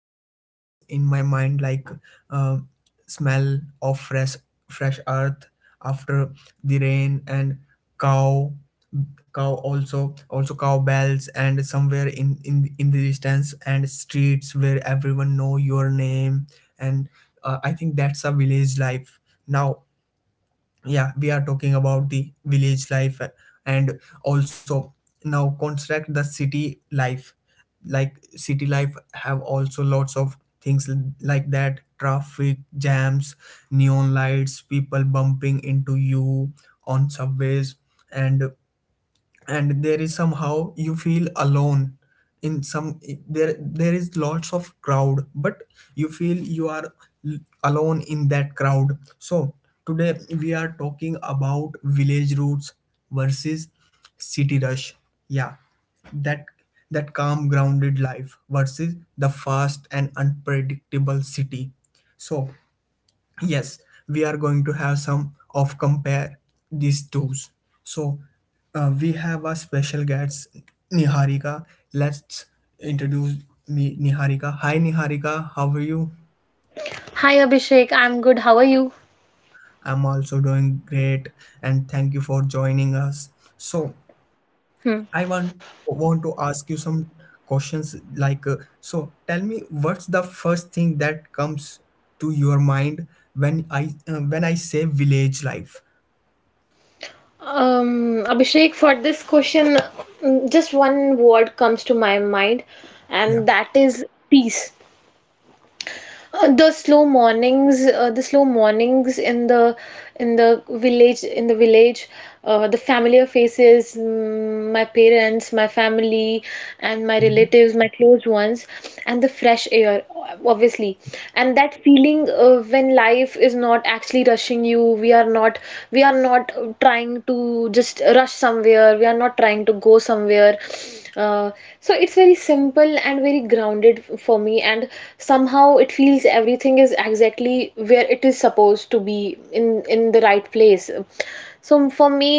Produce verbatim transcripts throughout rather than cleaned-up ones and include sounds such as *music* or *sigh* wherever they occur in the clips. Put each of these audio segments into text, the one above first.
kind of things in my mind like uh, smell of fresh fresh earth after the rain and cow cow also also cow bells and somewhere in in in the distance and streets where everyone know your name and uh, I think that's a village life now. Yeah, we are talking about the village life, uh, and also now construct the city life. Like city life have also lots of things, l- like that, traffic jams, neon lights, people bumping into you on subways. and and there is somehow you feel alone in some. there there is lots of crowd, but you feel you are l- alone in that crowd. So today we are talking about village roots versus city rush. Yeah, that that calm grounded life versus the fast and unpredictable city. So yes, we are going to have some of compare these two's. So uh, we have a special guest, Niharika. Let's introduce me, Niharika. Hi, Niharika, how are you? Hi Abhishek, I'm good. How are you? I'm also doing great, and thank you for joining us. So Hmm. I want want to ask you some questions like, uh, so tell me, what's the first thing that comes to your mind when I uh, when I say village life? Um, Abhishek, for this question, mm, just one word comes to my mind, Yeah, and that is peace. Uh, yeah. The slow mornings, uh, the slow mornings in the in the village, in the village, uh, the familiar faces, mm, my parents, my family, and my Mm, relatives, my close ones, and the fresh air, obviously, and that feeling uh, when life is not actually rushing you. We are not, we are not uh, trying to just rush somewhere. We are not trying to go somewhere. Uh, so it's very simple and very grounded for me, and somehow it feels everything is exactly where it is supposed to be in in the right place. So for me,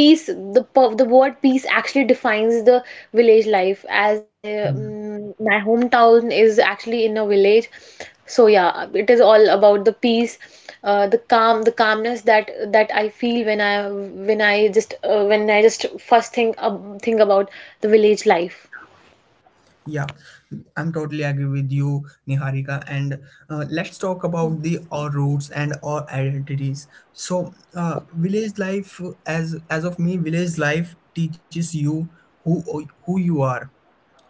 peace, the per- the word peace actually defines the village life. as i mm. mm, my hometown is actually in a village. So yeah, it is all about the peace, uh, the calm, the calmness that that I feel when I when i just uh, when I just first think, uh, think about the village life. Yeah, I'm totally agree with you, Niharika. And uh, let's talk about the our roots and our identities. So, uh, village life, as as of me, village life teaches you who who you are.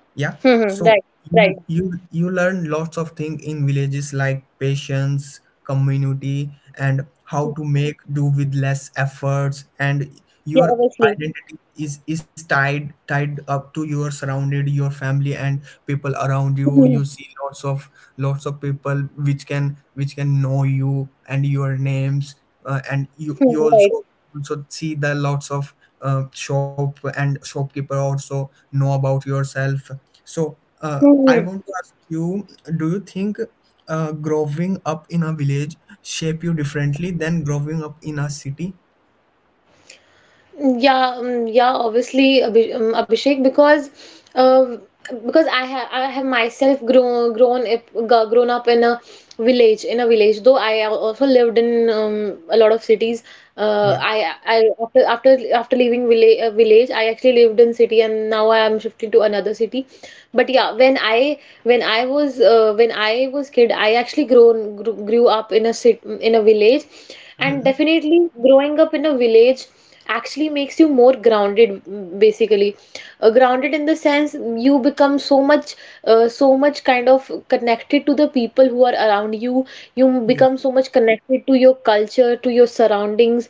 Yeah. Hmm. Hmm, So right. you Right. you you learn lots of things in villages like patience, community, and how to make do with less efforts. And Yeah, your obviously. identity is is tied tied up to your surrounded, your family, and people around you. You *laughs* see lots of lots of people which can which can know you and your names, uh, and you you Right. also also see the lots of uh, shop and shopkeeper also know about yourself. So uh, I want to *laughs* ask you, do you think uh, growing up in a village shape you differently than growing up in a city? Yeah, um, yeah, obviously, Abhi- um, Abhishek, because uh, because I have I have myself grown grown up g- grown up in a village in a village. Though I al- also lived in um, a lot of cities. Uh, yeah, I I after after after leaving village uh, village, I actually lived in city, and now I am shifting to another city. But yeah, when I when I was uh, when I was kid, I actually grown grew, grew up in a city in a village, and hmm, definitely growing up in a village actually makes you more grounded, mm, basically. Uh, grounded in the sense, you become so much, uh, so much kind of connected to the people who are around you. You yeah, become so much connected to your culture, to your surroundings,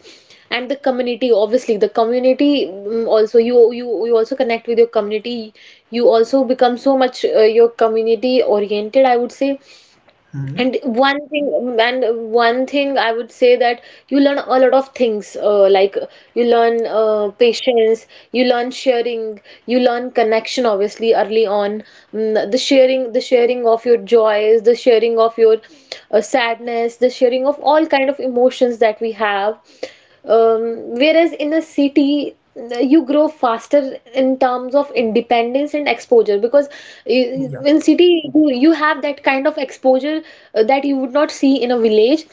and the community. Obviously, the community mm, also you you you also connect with your community. You also become so much, uh, your community oriented, I would say. hmm, and one thing, And one thing I would say, that you learn a lot of things, uh, like. You learn uh, patience, you learn sharing, you learn connection, obviously, early on. Mm, the sharing, the sharing of your joys, the sharing of your uh, sadness, the sharing of all kind of emotions that we have. Um, whereas in a city, you grow faster in terms of independence and exposure, because yeah, you- in city you you have that kind of exposure uh, that you would not see in a village.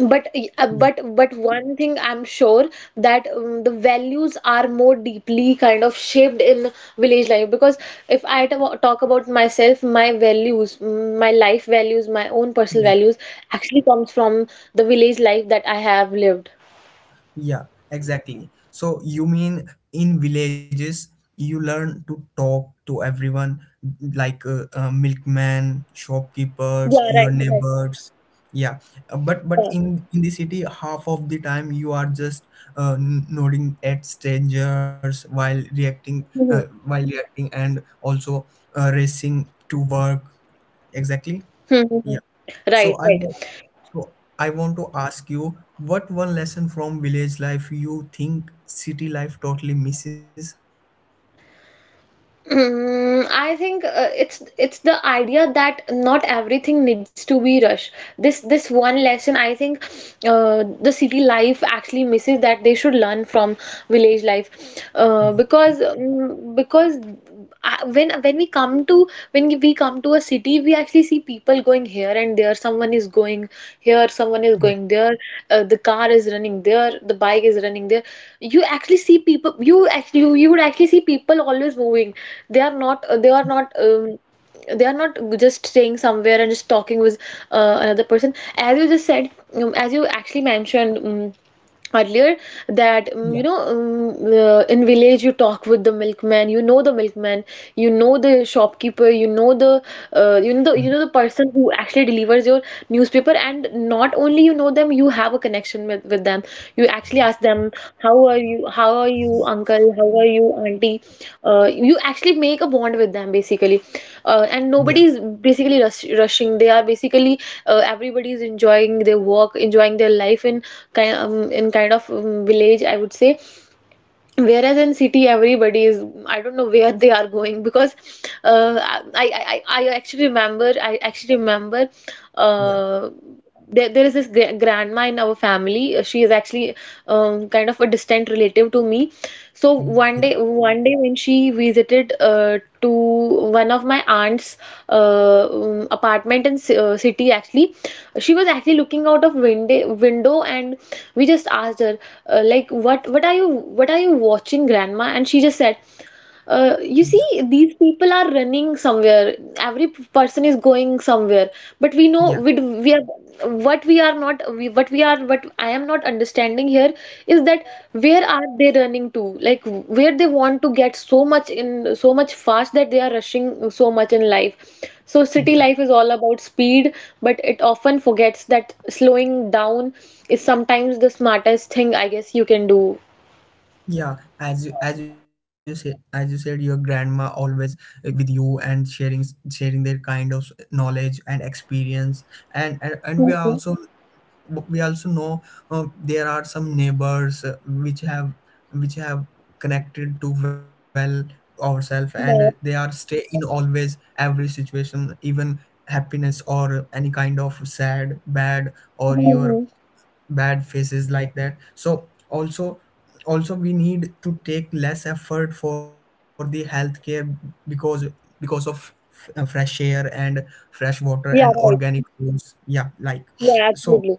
But uh, yeah. but but one thing I'm sure, that um, the values are more deeply kind of shaped in village life. Because if I ta- talk about myself, my values, mm, my life values, my own personal Yeah. values actually comes from the village life that I have lived. Yeah, exactly. So you mean in villages you learn to talk to everyone, like uh, uh, milkman, shopkeepers, Yeah, your right, right. neighbors. Yeah. Uh, but but Yeah. in in the city half of the time you are just uh, n- nodding at strangers while reacting uh, Mhm. while reacting, and also uh, racing to work. Exactly. Yeah. Mhm. So Right, I right. want, so I want to ask you, what one lesson from village life you think city life totally misses? Mm, I think uh, it's it's the idea that not everything needs to be rushed. This this one lesson I think uh, the city life actually misses, that they should learn from village life. uh, Yeah, because um, Because I- when when we come to when we come to a city, we actually see people going here and there. Someone is going here, someone is going there. Uh, the car is running there, the bike is running there. You actually see people. You actually you, you would actually see people always moving. They are not, uh, they are not um, they are not just staying somewhere and just talking with uh, another person, as you just said, um, as you actually mentioned, um, earlier. That, yeah, um, you know um, uh, in village, you talk with the milkman. You know the milkman, you know the shopkeeper, you know the, uh, you know mm, the you know the person who actually delivers your newspaper. And not only you know them, you have a connection with, with them. You actually ask them Instagram. How are you? How are you, uncle? How are you, auntie? Uh, you actually make a bond with them, basically. Uh, and yeah, nobody is basically rush rushing. They are basically, uh, everybody is enjoying their work, enjoying their life in kind um, in kind of um, village, I would say. Whereas in city, everybody is, I don't know where they are going, because uh, I, I, I I actually remember, I actually remember yeah, uh, there, there is this gra- grandma in our family. Uh, She is actually, um, kind of a distant relative to me. So yeah, one day, one day when she visited, uh, to one of my aunt's uh, um, apartment in ci- uh, city, actually, she was actually looking out of window window, and we just asked her, uh, like, "What, what are you, what are you watching, Grandma?" And she just said, uh, yeah, you see, these people are running somewhere. Every p- person is going somewhere. But we know yeah, we d- we are what we are not we, what we are what I am not understanding here is that, where are they running to? Like, where they want to get so much, in so much fast, that they are rushing so much in life. So city yeah, life is all about speed, but it often forgets that slowing down is sometimes the smartest thing, I guess, you can do. yeah. as you as you said, as you said, your grandma always uh, with you and sharing sharing their kind of knowledge and experience, and and, and we are Mhm. also, but we also know uh, there are some neighbors uh, which have which have connected to well ourselves, and they are Yeah, stay in always every situation, even happiness or any kind of sad bad or your mhm. bad faces like that. So also also we need to take less effort for the healthcare, because because of uh, fresh air and fresh water and Yeah, right. organic foods, yeah, like. Yeah, So absolutely.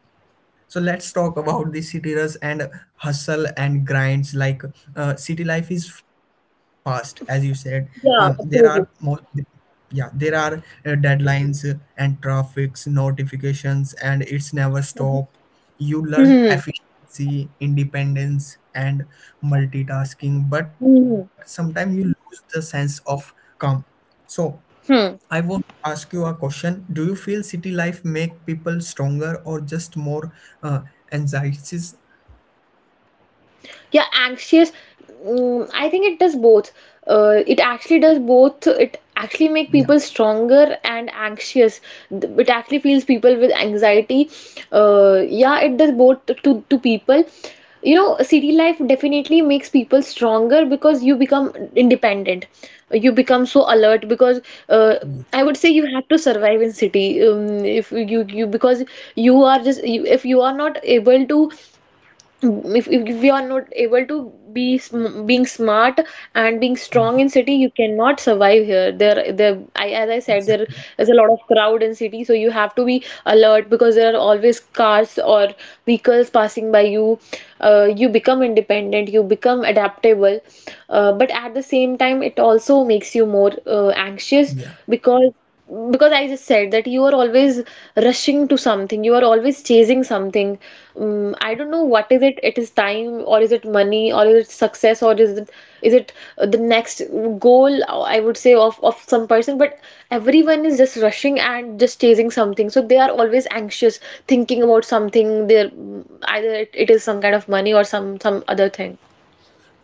so let's talk about the city rush and hustle and grinds. Like uh, city life is fast, as you said. Um, there are more, yeah, there are uh, deadlines uh, and traffics, notifications, and it's never stop. You learn Hmm. efficiency, independence, and multitasking, but Hmm. sometimes you lose the sense of calm. So Hmm. I want to ask you a question, do you feel city life make people stronger or just more uh, anxieties? Yeah, anxious. Mm, I think it does both. Uh, it actually does both. It actually make Yeah. people stronger and anxious. Th- It actually fills people with anxiety. Uh, yeah, it does both to to people. You know, city life definitely makes people stronger, because you become independent. You become so alert, because uh, Yeah, I would say you have to survive in city. Um, if you you Because you are just you. if you are not able to if, if you are not able to be sm being smart and being yeah. strong in city, you cannot survive here. there there I, as I said, there Exactly. is a lot of crowd in city, so you have to be alert, because there are always cars or vehicles passing by you. Uh, you become independent, you become adaptable, uh, but at the same time it also makes you more uh, anxious. Yeah. because because I just said that you are always rushing to something, you are always chasing something. Um, I don't know what is it. It is time, or is it money, or is it success, or is it, is it uh, the next goal, uh, I would say, of of some person. But everyone is just rushing and just chasing something. So they are always anxious, thinking about something. They're, mm, either it, it is some kind of money, or some some other thing.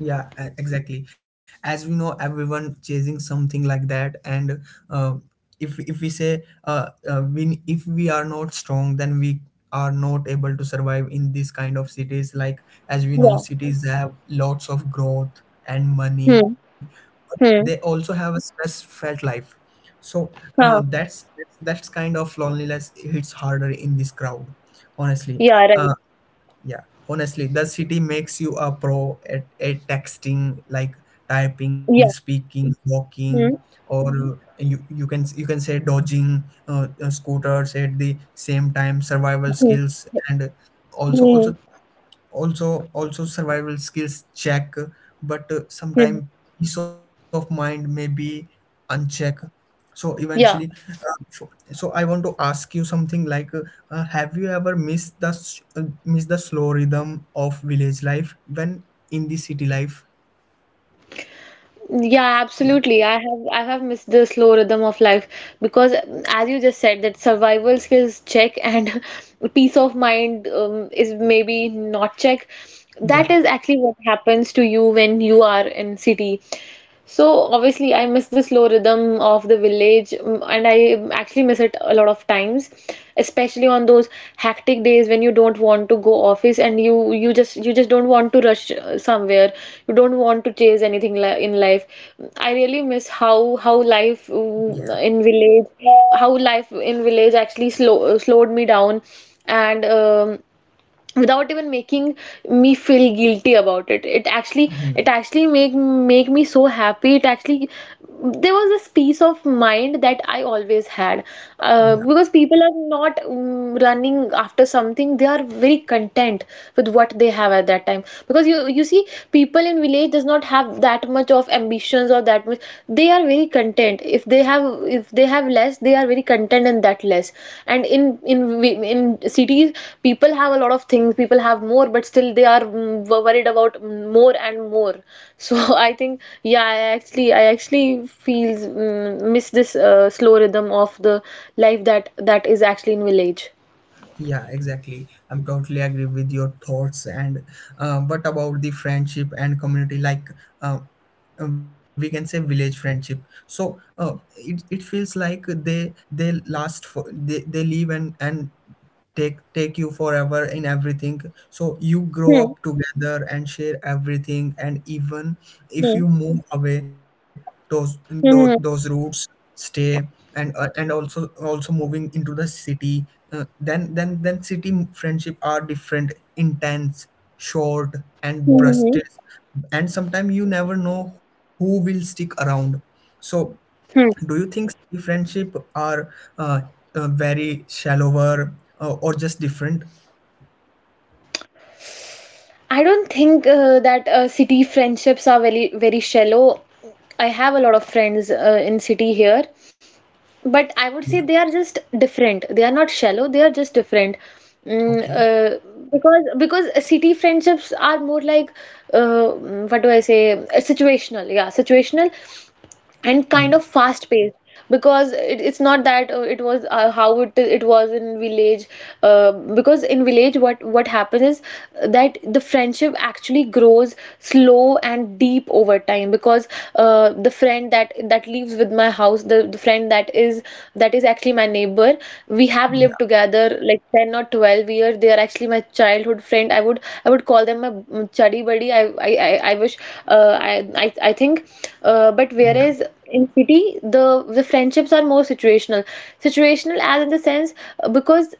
Yeah, e- exactly. As we know, everyone chasing something like that, and uh, if if we say uh, uh, we if we are not strong, then we are not able to survive in this kind of cities. Like as we know, Yeah. cities have lots of growth and money, Hmm. but they also Hmm. have a stress felt life. So uh, Huh. that's that's kind of loneliness hits harder in this crowd, honestly. Yeah. Right. Uh, yeah, honestly, the city makes you a pro at, at texting, like typing, Yeah. speaking, walking, Hmm. or uh, you you can you can say dodging uh, uh, scooters at the same time, survival Hmm. skills, and also Hmm. also also also survival skills check, but uh, Hmm. sometimes peace of mind may be unchecked. So eventually, Yeah, uh, so, so I want to ask you something like, uh, uh, have you ever missed the s- uh, missed the slow rhythm of village life when in the city life? Yeah, yeah, absolutely. I have I have missed the slow rhythm of life, because, as you just said, that survival skills check, and *laughs* peace of mind, um, is maybe not check. yeah, That is actually what happens to you when you are in city. So obviously, I miss the slow rhythm of the village, mm, and I actually miss it a lot of times, especially on those hectic days when you don't want to go office, and you you just you just don't want to rush uh, somewhere. You don't want to chase anything li in life. I really miss how how life, mm, yeah. in village, how life in village actually slow slowed me down, and um, without even making me feel guilty about it. it actually Hmm. It actually make make me so happy. It actually There was this peace of mind that I always had, uh, Yeah, because people are not, mm, running after something. They are very content with what they have at that time, because you you see, people in village does not have that much of ambitions, or that that much. They are very content if they have if they have less. They are very content in that less. And in in we- in cities, people have a lot of things, people have more, but still they are, mm, wo- worried about, mm, more and more. So, *laughs* I think, yeah, i actually I actually feels, mm, miss this uh, slow rhythm of the life that that is actually in village. yeah. Exactly. I'm totally agree with your thoughts. And uh, what about the friendship and community? Like, uh, uh, we can say village friendship. So uh, it, it feels like they they last for they, they live and and take take you forever in everything. So you grow Hmm. up together and share everything, and even Hmm. if you move away, those those, those Hmm. Hmm. roots stay. And uh, and also also moving into the city, uh, then then then city friendship are different intense, short, and Hmm. brushes, and sometimes you never know who will stick around. So do Hmm. you think city friendship are uh, uh, very shallower, uh, or just different? I don't think uh, that uh, city friendships are very, very shallow. I have a lot of friends uh, in city here, but I would Yeah, say they are just different. They are not shallow. They are just different. Mm, okay, uh, because because city friendships are more like, uh, mm, what do I say? uh, Situational. Yeah, situational yeah, and kind of fast paced because it, it's not that uh, it was, uh, how it it was in village, uh, because in village what what happens is, uh, that the friendship actually grows slow and deep over time, because uh, the friend that that lives with my house, the, the friend that is that is actually my neighbor. We have lived yeah, together like ten or twelve years. They are actually my childhood friend. I would I would call them my mm, chuddy buddy. I I I I I wish, uh, I, I I think, uh, but yeah, whereas in city, the the friendships are more situational. Situational, as in the sense, uh, because,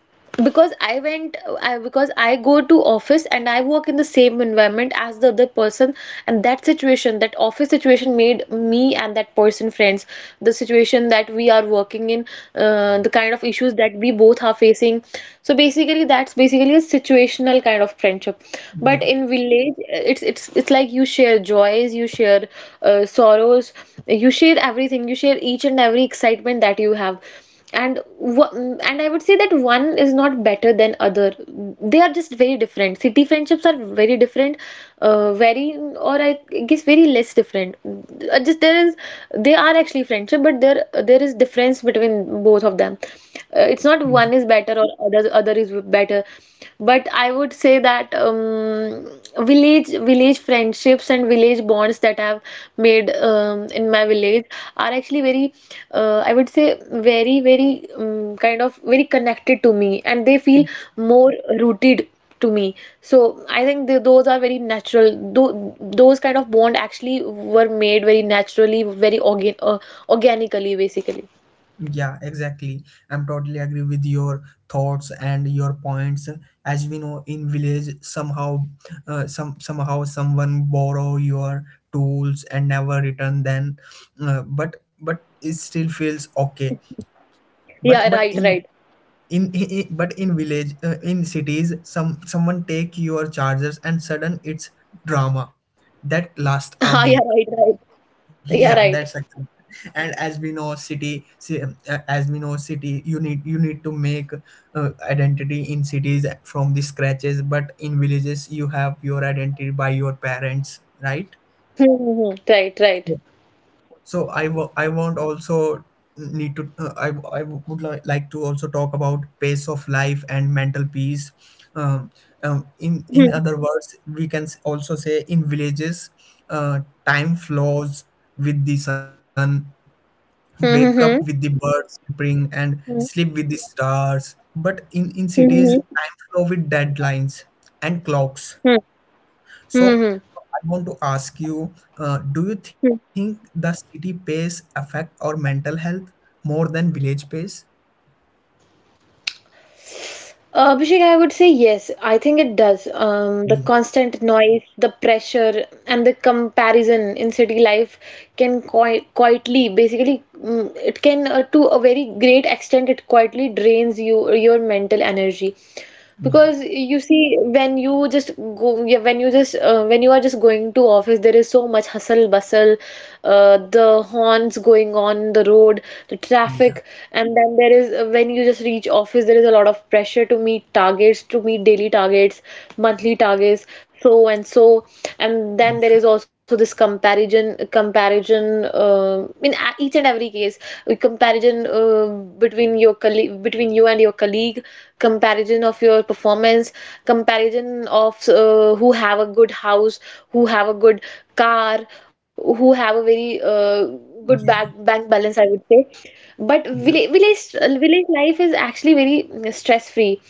because I went I, because I go to office and I work in the same environment as the other person, and that situation, that office situation, made me and that person friends. The situation that we are working in, uh, the kind of issues that we both are facing, so basically that's basically a situational kind of of friendship. But yeah, in village, it's it's it's like you share joys, you share, uh, sorrows, you share everything, you share each and every excitement that you have. And wha- and I would say that one is not better than other. They are just very different. City friendships are very different, uh, very, or I guess very less different. Uh, Just there is, they are actually friendship, but there there is difference between both of them. Uh, it's not yeah, one is better better or other other is better, but I would say that, um, village village friendships and village bonds that I've made, um, in my village, are actually very, uh, I would say, very very um, kind of very connected to me, and they feel more rooted to me. So I think th those are very natural. Tho those kind of bond actually were made very naturally, very organ uh, organically basically. yeah exactly. I'm totally agree with your thoughts and your points. As we know, in village somehow, uh, some somehow someone borrow your tools and never return then, uh, but but it still feels okay. but Yeah, but right, in right. in, i- but in village, uh, in cities, some someone take your chargers and sudden it's drama that lasts *laughs* a Ah, yeah, week. right, right. *laughs* Yeah, Yeah, that's right. actually. And as we know, city ci- uh, as we know, city, you need you need to make uh, identity in cities from the scratches, but in villages you have your identity by your parents, right? Hmm. Right, right. Yeah. So I wa- I want also need to uh, I I would li- like to also talk about pace of life and mental peace. Um, um, in in Hmm. other words, we can s- also say, in villages, uh, time flows with the sun. Wake up with the Mm-hmm. birds chirping and Hmm. sleep with the stars. But in in cities, Hmm. time flow with deadlines and clocks. Hmm. So Mm-hmm. I want to ask you, uh, do you Hmm. think the city pace affect our mental health more than village pace? Uh, Abhishek, I would say yes. I think it does. Um, the Yeah, constant noise, the pressure, and the comparison in city life can qui quietly, basically, mm, it can, uh, to a very great extent, it quietly drains you your mental energy. yeah, Because you see, when you just go, yeah, when you just, uh, when you are just going to office, there is so much hustle bustle, uh, the horns going on the road, the yeah, traffic. And then there is, uh, when you just reach office there is a lot of pressure to meet targets, to meet daily targets, monthly targets, so and so. And then there yeah, is also this comparison comparison, uh, in a- each and every case, uh, comparison, uh, between your colleague, between you and your colleague, comparison of your performance, comparison of, uh, who have a good house, who have a good car, who have a very, uh, good yeah, bank bank balance, I would say. But yeah, village village village life is actually very stress free.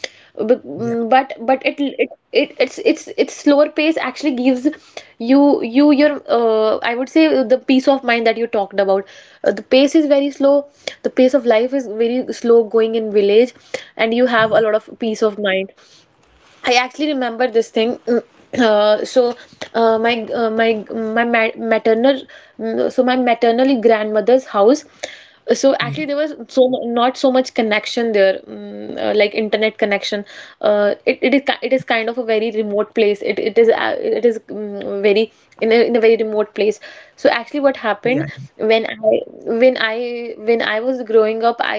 yeah, But but it it, it it's it's it's slower pace actually gives you you your, uh, I would say, the peace of mind that you talked about. Uh, the pace is very slow. The pace of life is very slow going in village, and you have a lot of peace of mind. I actually remember this thing. Mm, Uh, so uh, my, uh, my, my ma- maternal, mm, so my maternal grandmother's house. So yeah, actually there was so mu- not so much connection there, mm, uh, like internet connection. Uh, it, it is ki- it is kind of a very remote place. It it is, uh, it is, mm, very very in a, in a very remote place. So actually yeah, what yeah, yeah, happened, when I, when I when I was growing up, I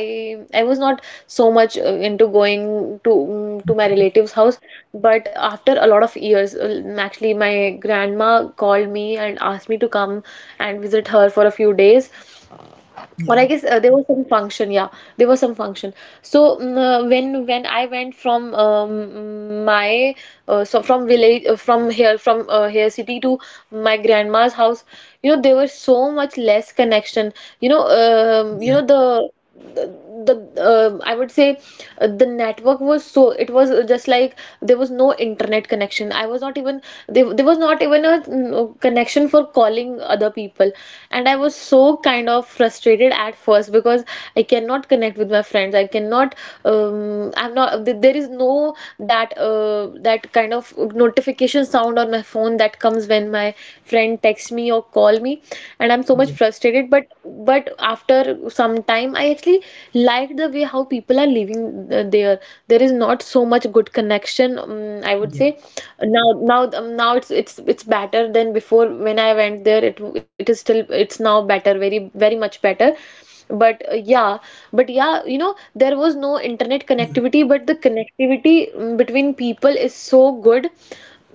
I was not so much, uh, into going to, mm, to my relatives house. But after a lot of years, uh, actually my grandma called me and asked me to come and visit her for a few days. yeah, Or I guess, uh, there was some function, yeah, there was some function. So, mm, uh, when when I went from, um, my, uh, so from village, uh, from here, from, uh, here city to my grandma's house, you know there was so much less connection. You know, um, you know the, the the, uh, I would say, uh, the network was so, it was just like there was no internet connection. I was not even there. There was not even a, mm, connection for calling other people, and I was so kind of frustrated at first, because I cannot connect with my friends. I cannot. Um, I'm not. th- There is no that, uh, that kind of notification sound on my phone that comes when my friend texts me or call me, and I'm so yeah, much yeah, frustrated. But but after some time, I actually liked the way how people are living, uh, there. There is not so much good connection. Um, I would say now, now, um, now it's it's it's better than before. When I went there, it it is still, it's now better, very very much better. But uh, yeah, but yeah, you know, there was no internet yeah, connectivity, but the connectivity, mm, between people is so good,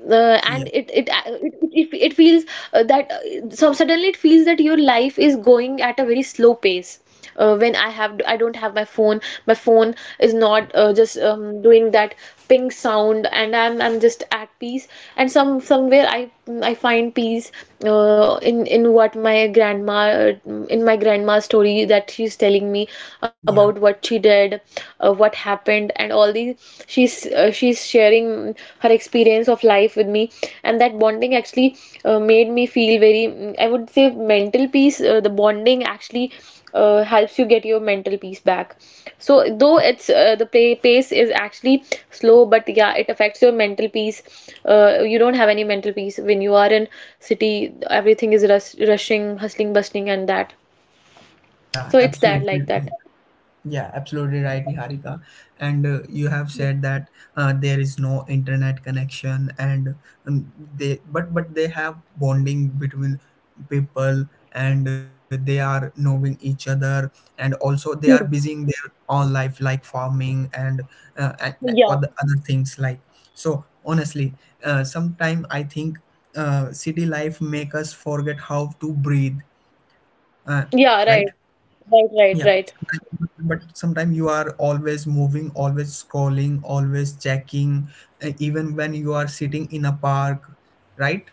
uh, yeah, and it it, uh, it it it feels, uh, that, uh, so suddenly it feels that your life is going at a very slow pace, uh, when I have, I don't have my phone. My phone is not, uh, just, um, doing that ping sound, and I'm I'm just at peace, and some somewhere I I find peace, uh, in in what my grandma, uh, in my grandma's story that she's telling me about yeah, what she did, uh, what happened happened, and all these. She's, uh, she's sharing her experience of life with me, and that bonding actually, uh, made me feel very, mm, I would say, mental peace, uh, the bonding actually, uh, helps you get your mental peace back. So, though it's uh, the play pace is actually slow, but yeah it affects your mental peace. Uh, you don't have any mental peace when you are in city. Everything is rush, rushing, hustling, bustling, and that. yeah, So it's that, absolutely. like that. Yeah, absolutely right, Niharika. And uh, you have said that uh, there is no internet connection, and um, they but but they have bonding between people, and they are knowing each other, and also they are Hmm. busy in their own life, like farming and uh, and and Yeah, other other things like. So honestly, uh, sometime I think uh, city life make us forget how to breathe. Uh, right? yeah, right, right, Yeah, right, right. sometime- but sometimes you are always moving, always scrolling, always checking, uh, even when you are sitting in a park, right?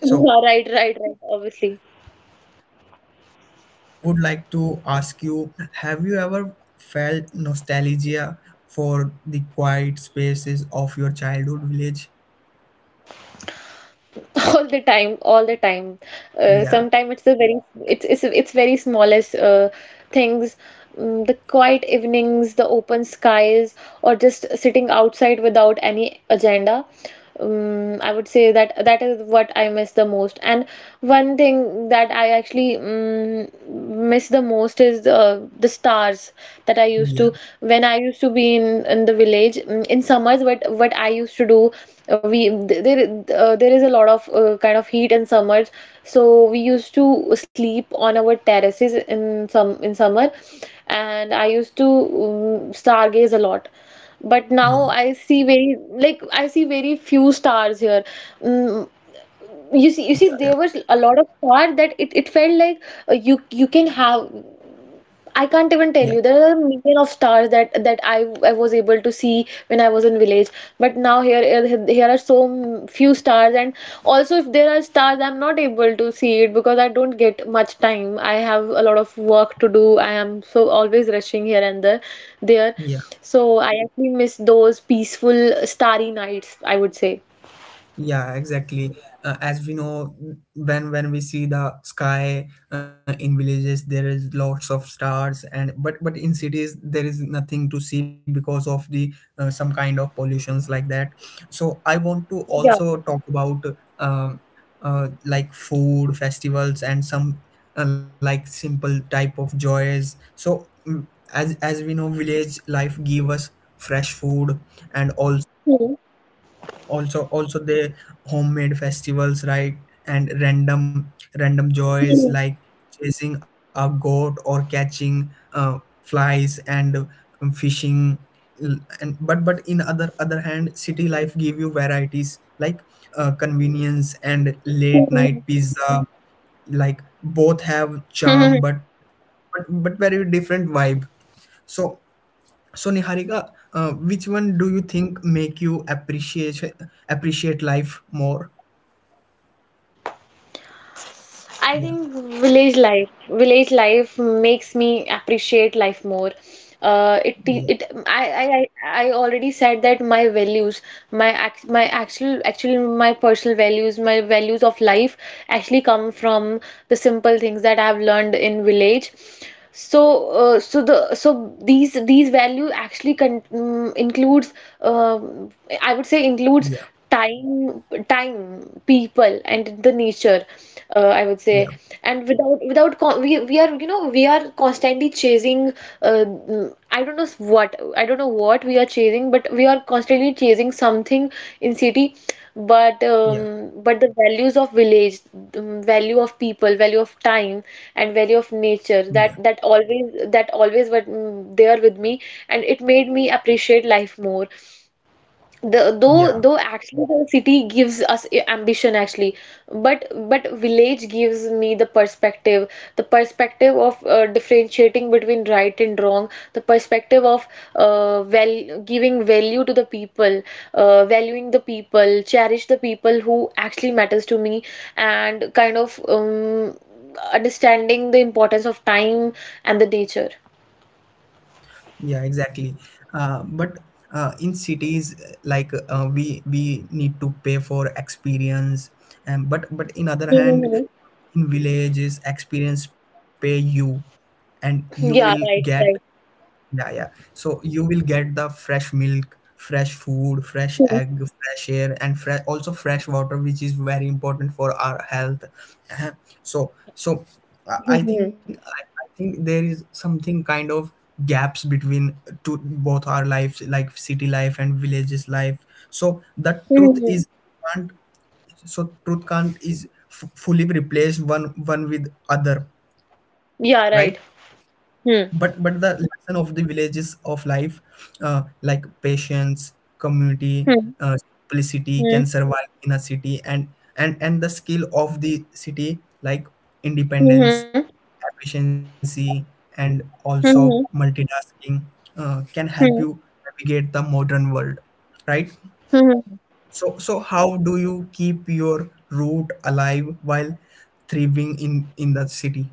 So, Yeah, right, right, right. Obviously. so I would like to ask you, have you ever felt nostalgia for the quiet spaces of your childhood village? *laughs* All the time, all the time. Uh, Yeah, Sometimes it's a very, it's it's it's very smallest, uh, things, mm, the quiet evenings, the open skies, or just sitting outside without any agenda. Um, I would say that that is what I miss the most. And one thing that I actually, um, miss the most is, uh, the stars. That I used yeah, to, when I used to be in, in the village, mm, in summers, what what I used to do, uh, we th- there, uh, there is a lot of, uh, kind of heat in summers, so we used to sleep on our terraces in some in summer, and I used to, um, stargaze a lot. But now yeah, I see, very, like, I see very few stars here, mm, you see, you see yeah, there was a lot of stars, that it, it felt like, uh, you, you can have, I can't yeah, even yeah, tell you. There are a million of stars that that I I was able to see when I was in village, but now here, here, here are so m- few stars. And also, if there are stars, I'm not able to see it because I don't get much time. I have a lot of work to do. I am so always rushing here and there, there. yeah. So I actually miss those peaceful starry nights, I would say. Yeah, exactly. Uh, as we know, when when we see the sky uh, in villages, there is lots of stars, and but but in cities there is nothing to see because of the uh, some kind of pollutions like that. So I want to also Yeah. talk about um uh, like food festivals and some uh, like simple type of joys. So mm, as as we know, village life give us fresh food, and also *laughs* also also the homemade festivals, right? And random random Hmm. joys like chasing a goat or catching uh, flies, and um, fishing. L- and but but in other other hand, city life give you varieties like uh, convenience and late Hmm. night pizza. Like both have Hmm. charm, *laughs* but but but very different vibe. So so Niharika, uh, which one do you think make you appreciate appreciate life more? I Yeah, think village life, village life makes me appreciate life more. Uh, it te- yeah, it, I, I I I already said that my values, my ac my actual actually my personal values, my values of life actually come from the simple things that I've learned in village. So, uh, so the, so these these value actually con mm, includes, um I would say includes, yeah, time, time people, and the nature, uh, I would yeah, say. And, without without con we, we are, you know we are constantly chasing, uh, I don't know what, I don't know what we are chasing, but we are constantly chasing something in city. But, um, yeah, but the values of village, um, value of people, value of time, and value of yeah, nature, that, that always, that always were, mm, there with me, and it made me appreciate life more. The though, yeah, though actually the city gives us i- ambition actually, but but village gives me the perspective, the perspective of, uh, differentiating between right and wrong, the perspective of, uh, well, giving value to the people, uh, valuing the people, cherish the people who actually matters to me, and kind of, um, understanding the importance of time and the nature. yeah, exactly. Uh, but uh, in cities, uh, like uh, we we need to pay for experience, and but but in other hand, Mhm. in villages, experience pay you, and you will Yeah, get. right, right. Yeah, yeah. So you will get the fresh milk, fresh food, Mhm. fresh egg, fresh air, and fresh also fresh water, which is very important for our health. Uh-huh. So, so I I think Mhm. I, I think there is something kind of gaps between to both our lives, like city life and villages life. So the truth Mhm. is can't, so truth can't is f fully replace one one with other, right? Yeah, right. but but Hmm. the lesson of the villages of life, uh, like patience, community, Hmm. uh, simplicity Hmm. can survive in a city, and and and the skill of the city like Mhm. independence, efficiency, and also Mhm. multitasking, uh, can help Mhm. you navigate the modern world, right? Mhm. So so how do you keep your root alive while thriving in in the city?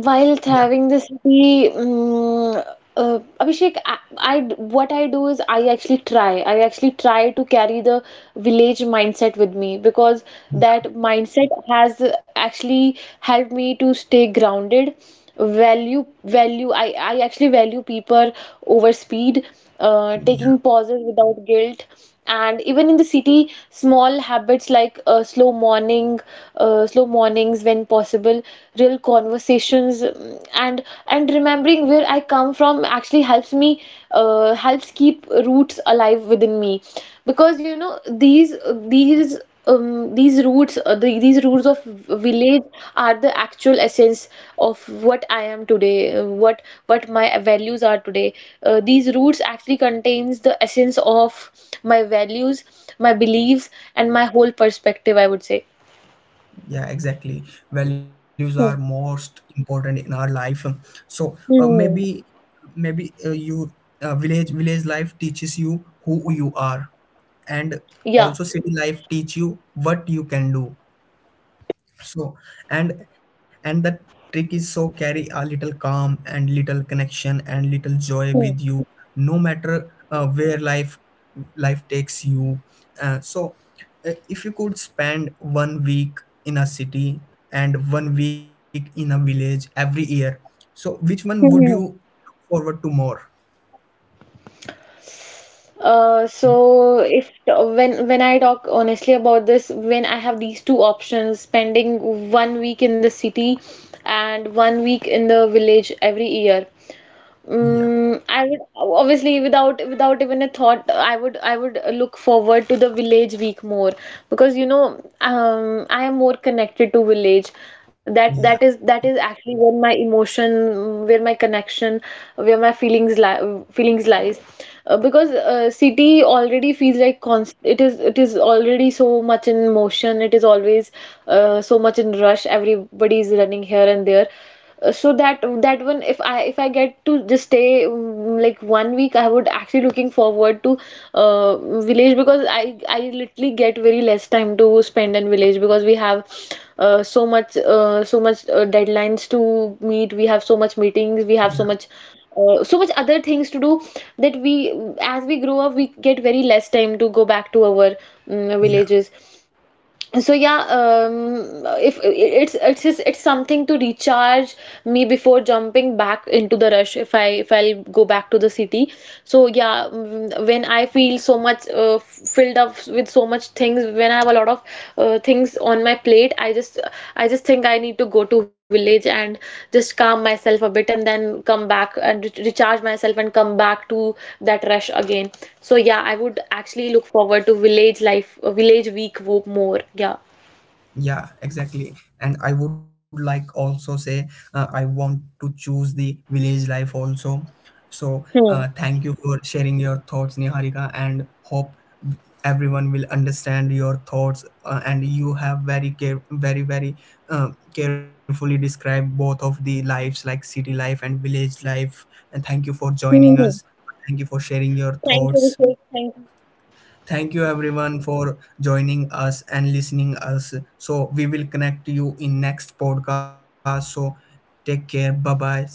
Yeah, having the city, mm, uh, Abhishek, I, I what I do is I actually try. I actually try to carry the village mindset with me, because that yeah, mindset has actually helped me to stay grounded, value value, I, I actually value people over speed, uh, yeah. taking pauses without guilt, and even in the city small habits like, uh, slow morning, uh, slow mornings when possible, real conversations, mm, and and remembering where I come from, actually helps me, uh, helps keep roots alive within me, because you know these these um, these roots, uh, the, these roots of village are the actual essence of what I am today, uh, what what my values are today. Uh, these roots actually contains the essence of my values, my beliefs, and my whole perspective, I would say. Yeah exactly, values are Hmm. most important in our life. So uh, Hmm. maybe maybe uh, you uh, village village life teaches you who you are, and Yeah. also city life teach you what you can do. So and and the trick is so carry a little calm and little connection and little joy Hmm. with you, no matter uh, where life life takes you. uh, so uh, if you could spend one week in a city and one week in a village every year, so which one would you Hmm. look forward to more? Uh, so if when, when I talk honestly about this, when I have these two options, spending one week in the city and one week in the village every year, Yeah, Mm, I would obviously, without without even a thought, I would, I would look forward to the village week more, because you know, um, I am more connected to village. That, that yeah, is that is actually where my emotion, where my connection, where my feelings li feelings lies. Uh, because, uh, city already feels like, const it is it is already so much in motion. It is always, uh, so much in rush. Everybody is running here and there. Uh, so that that one, if I, if I get to just stay, mm, like one week, I would actually looking forward to, uh, village, because i i literally get very less time to spend in village, because we have, uh, so much uh, so much, uh, deadlines to meet. We have so much meetings, we yeah, have so much, uh, so much other things to do, that we, as we grow up, we get very less time to go back to our, mm, yeah. villages. So yeah, um if it's it's just, it's something to recharge me before jumping back into the rush, if I, if I'll go back to the city. So yeah, mm, when I feel so much, uh, f- filled up with so much things, when I have a lot of, uh, things on my plate, I just, i just think I need to go to village, and just calm myself a bit, and then come back, and re- recharge myself, and come back to that rush again. So yeah, I would actually look forward to village life, uh, village week wo- more. Yeah. Yeah, exactly. And I would like also say uh, I want to choose the village life also. So uh, Hmm. thank you for sharing your thoughts, Niharika, and hope everyone will understand your thoughts. Uh, and you have very care, very very uh, carefully described both of the lives, like city life and village life. And thank you for joining Hmm. us. Thank you for sharing your Thank you, thoughts. Abhishek. Thank you. Thank you everyone for joining us and listening us. So we will connect you in next podcast. So take care. Bye bye. See you.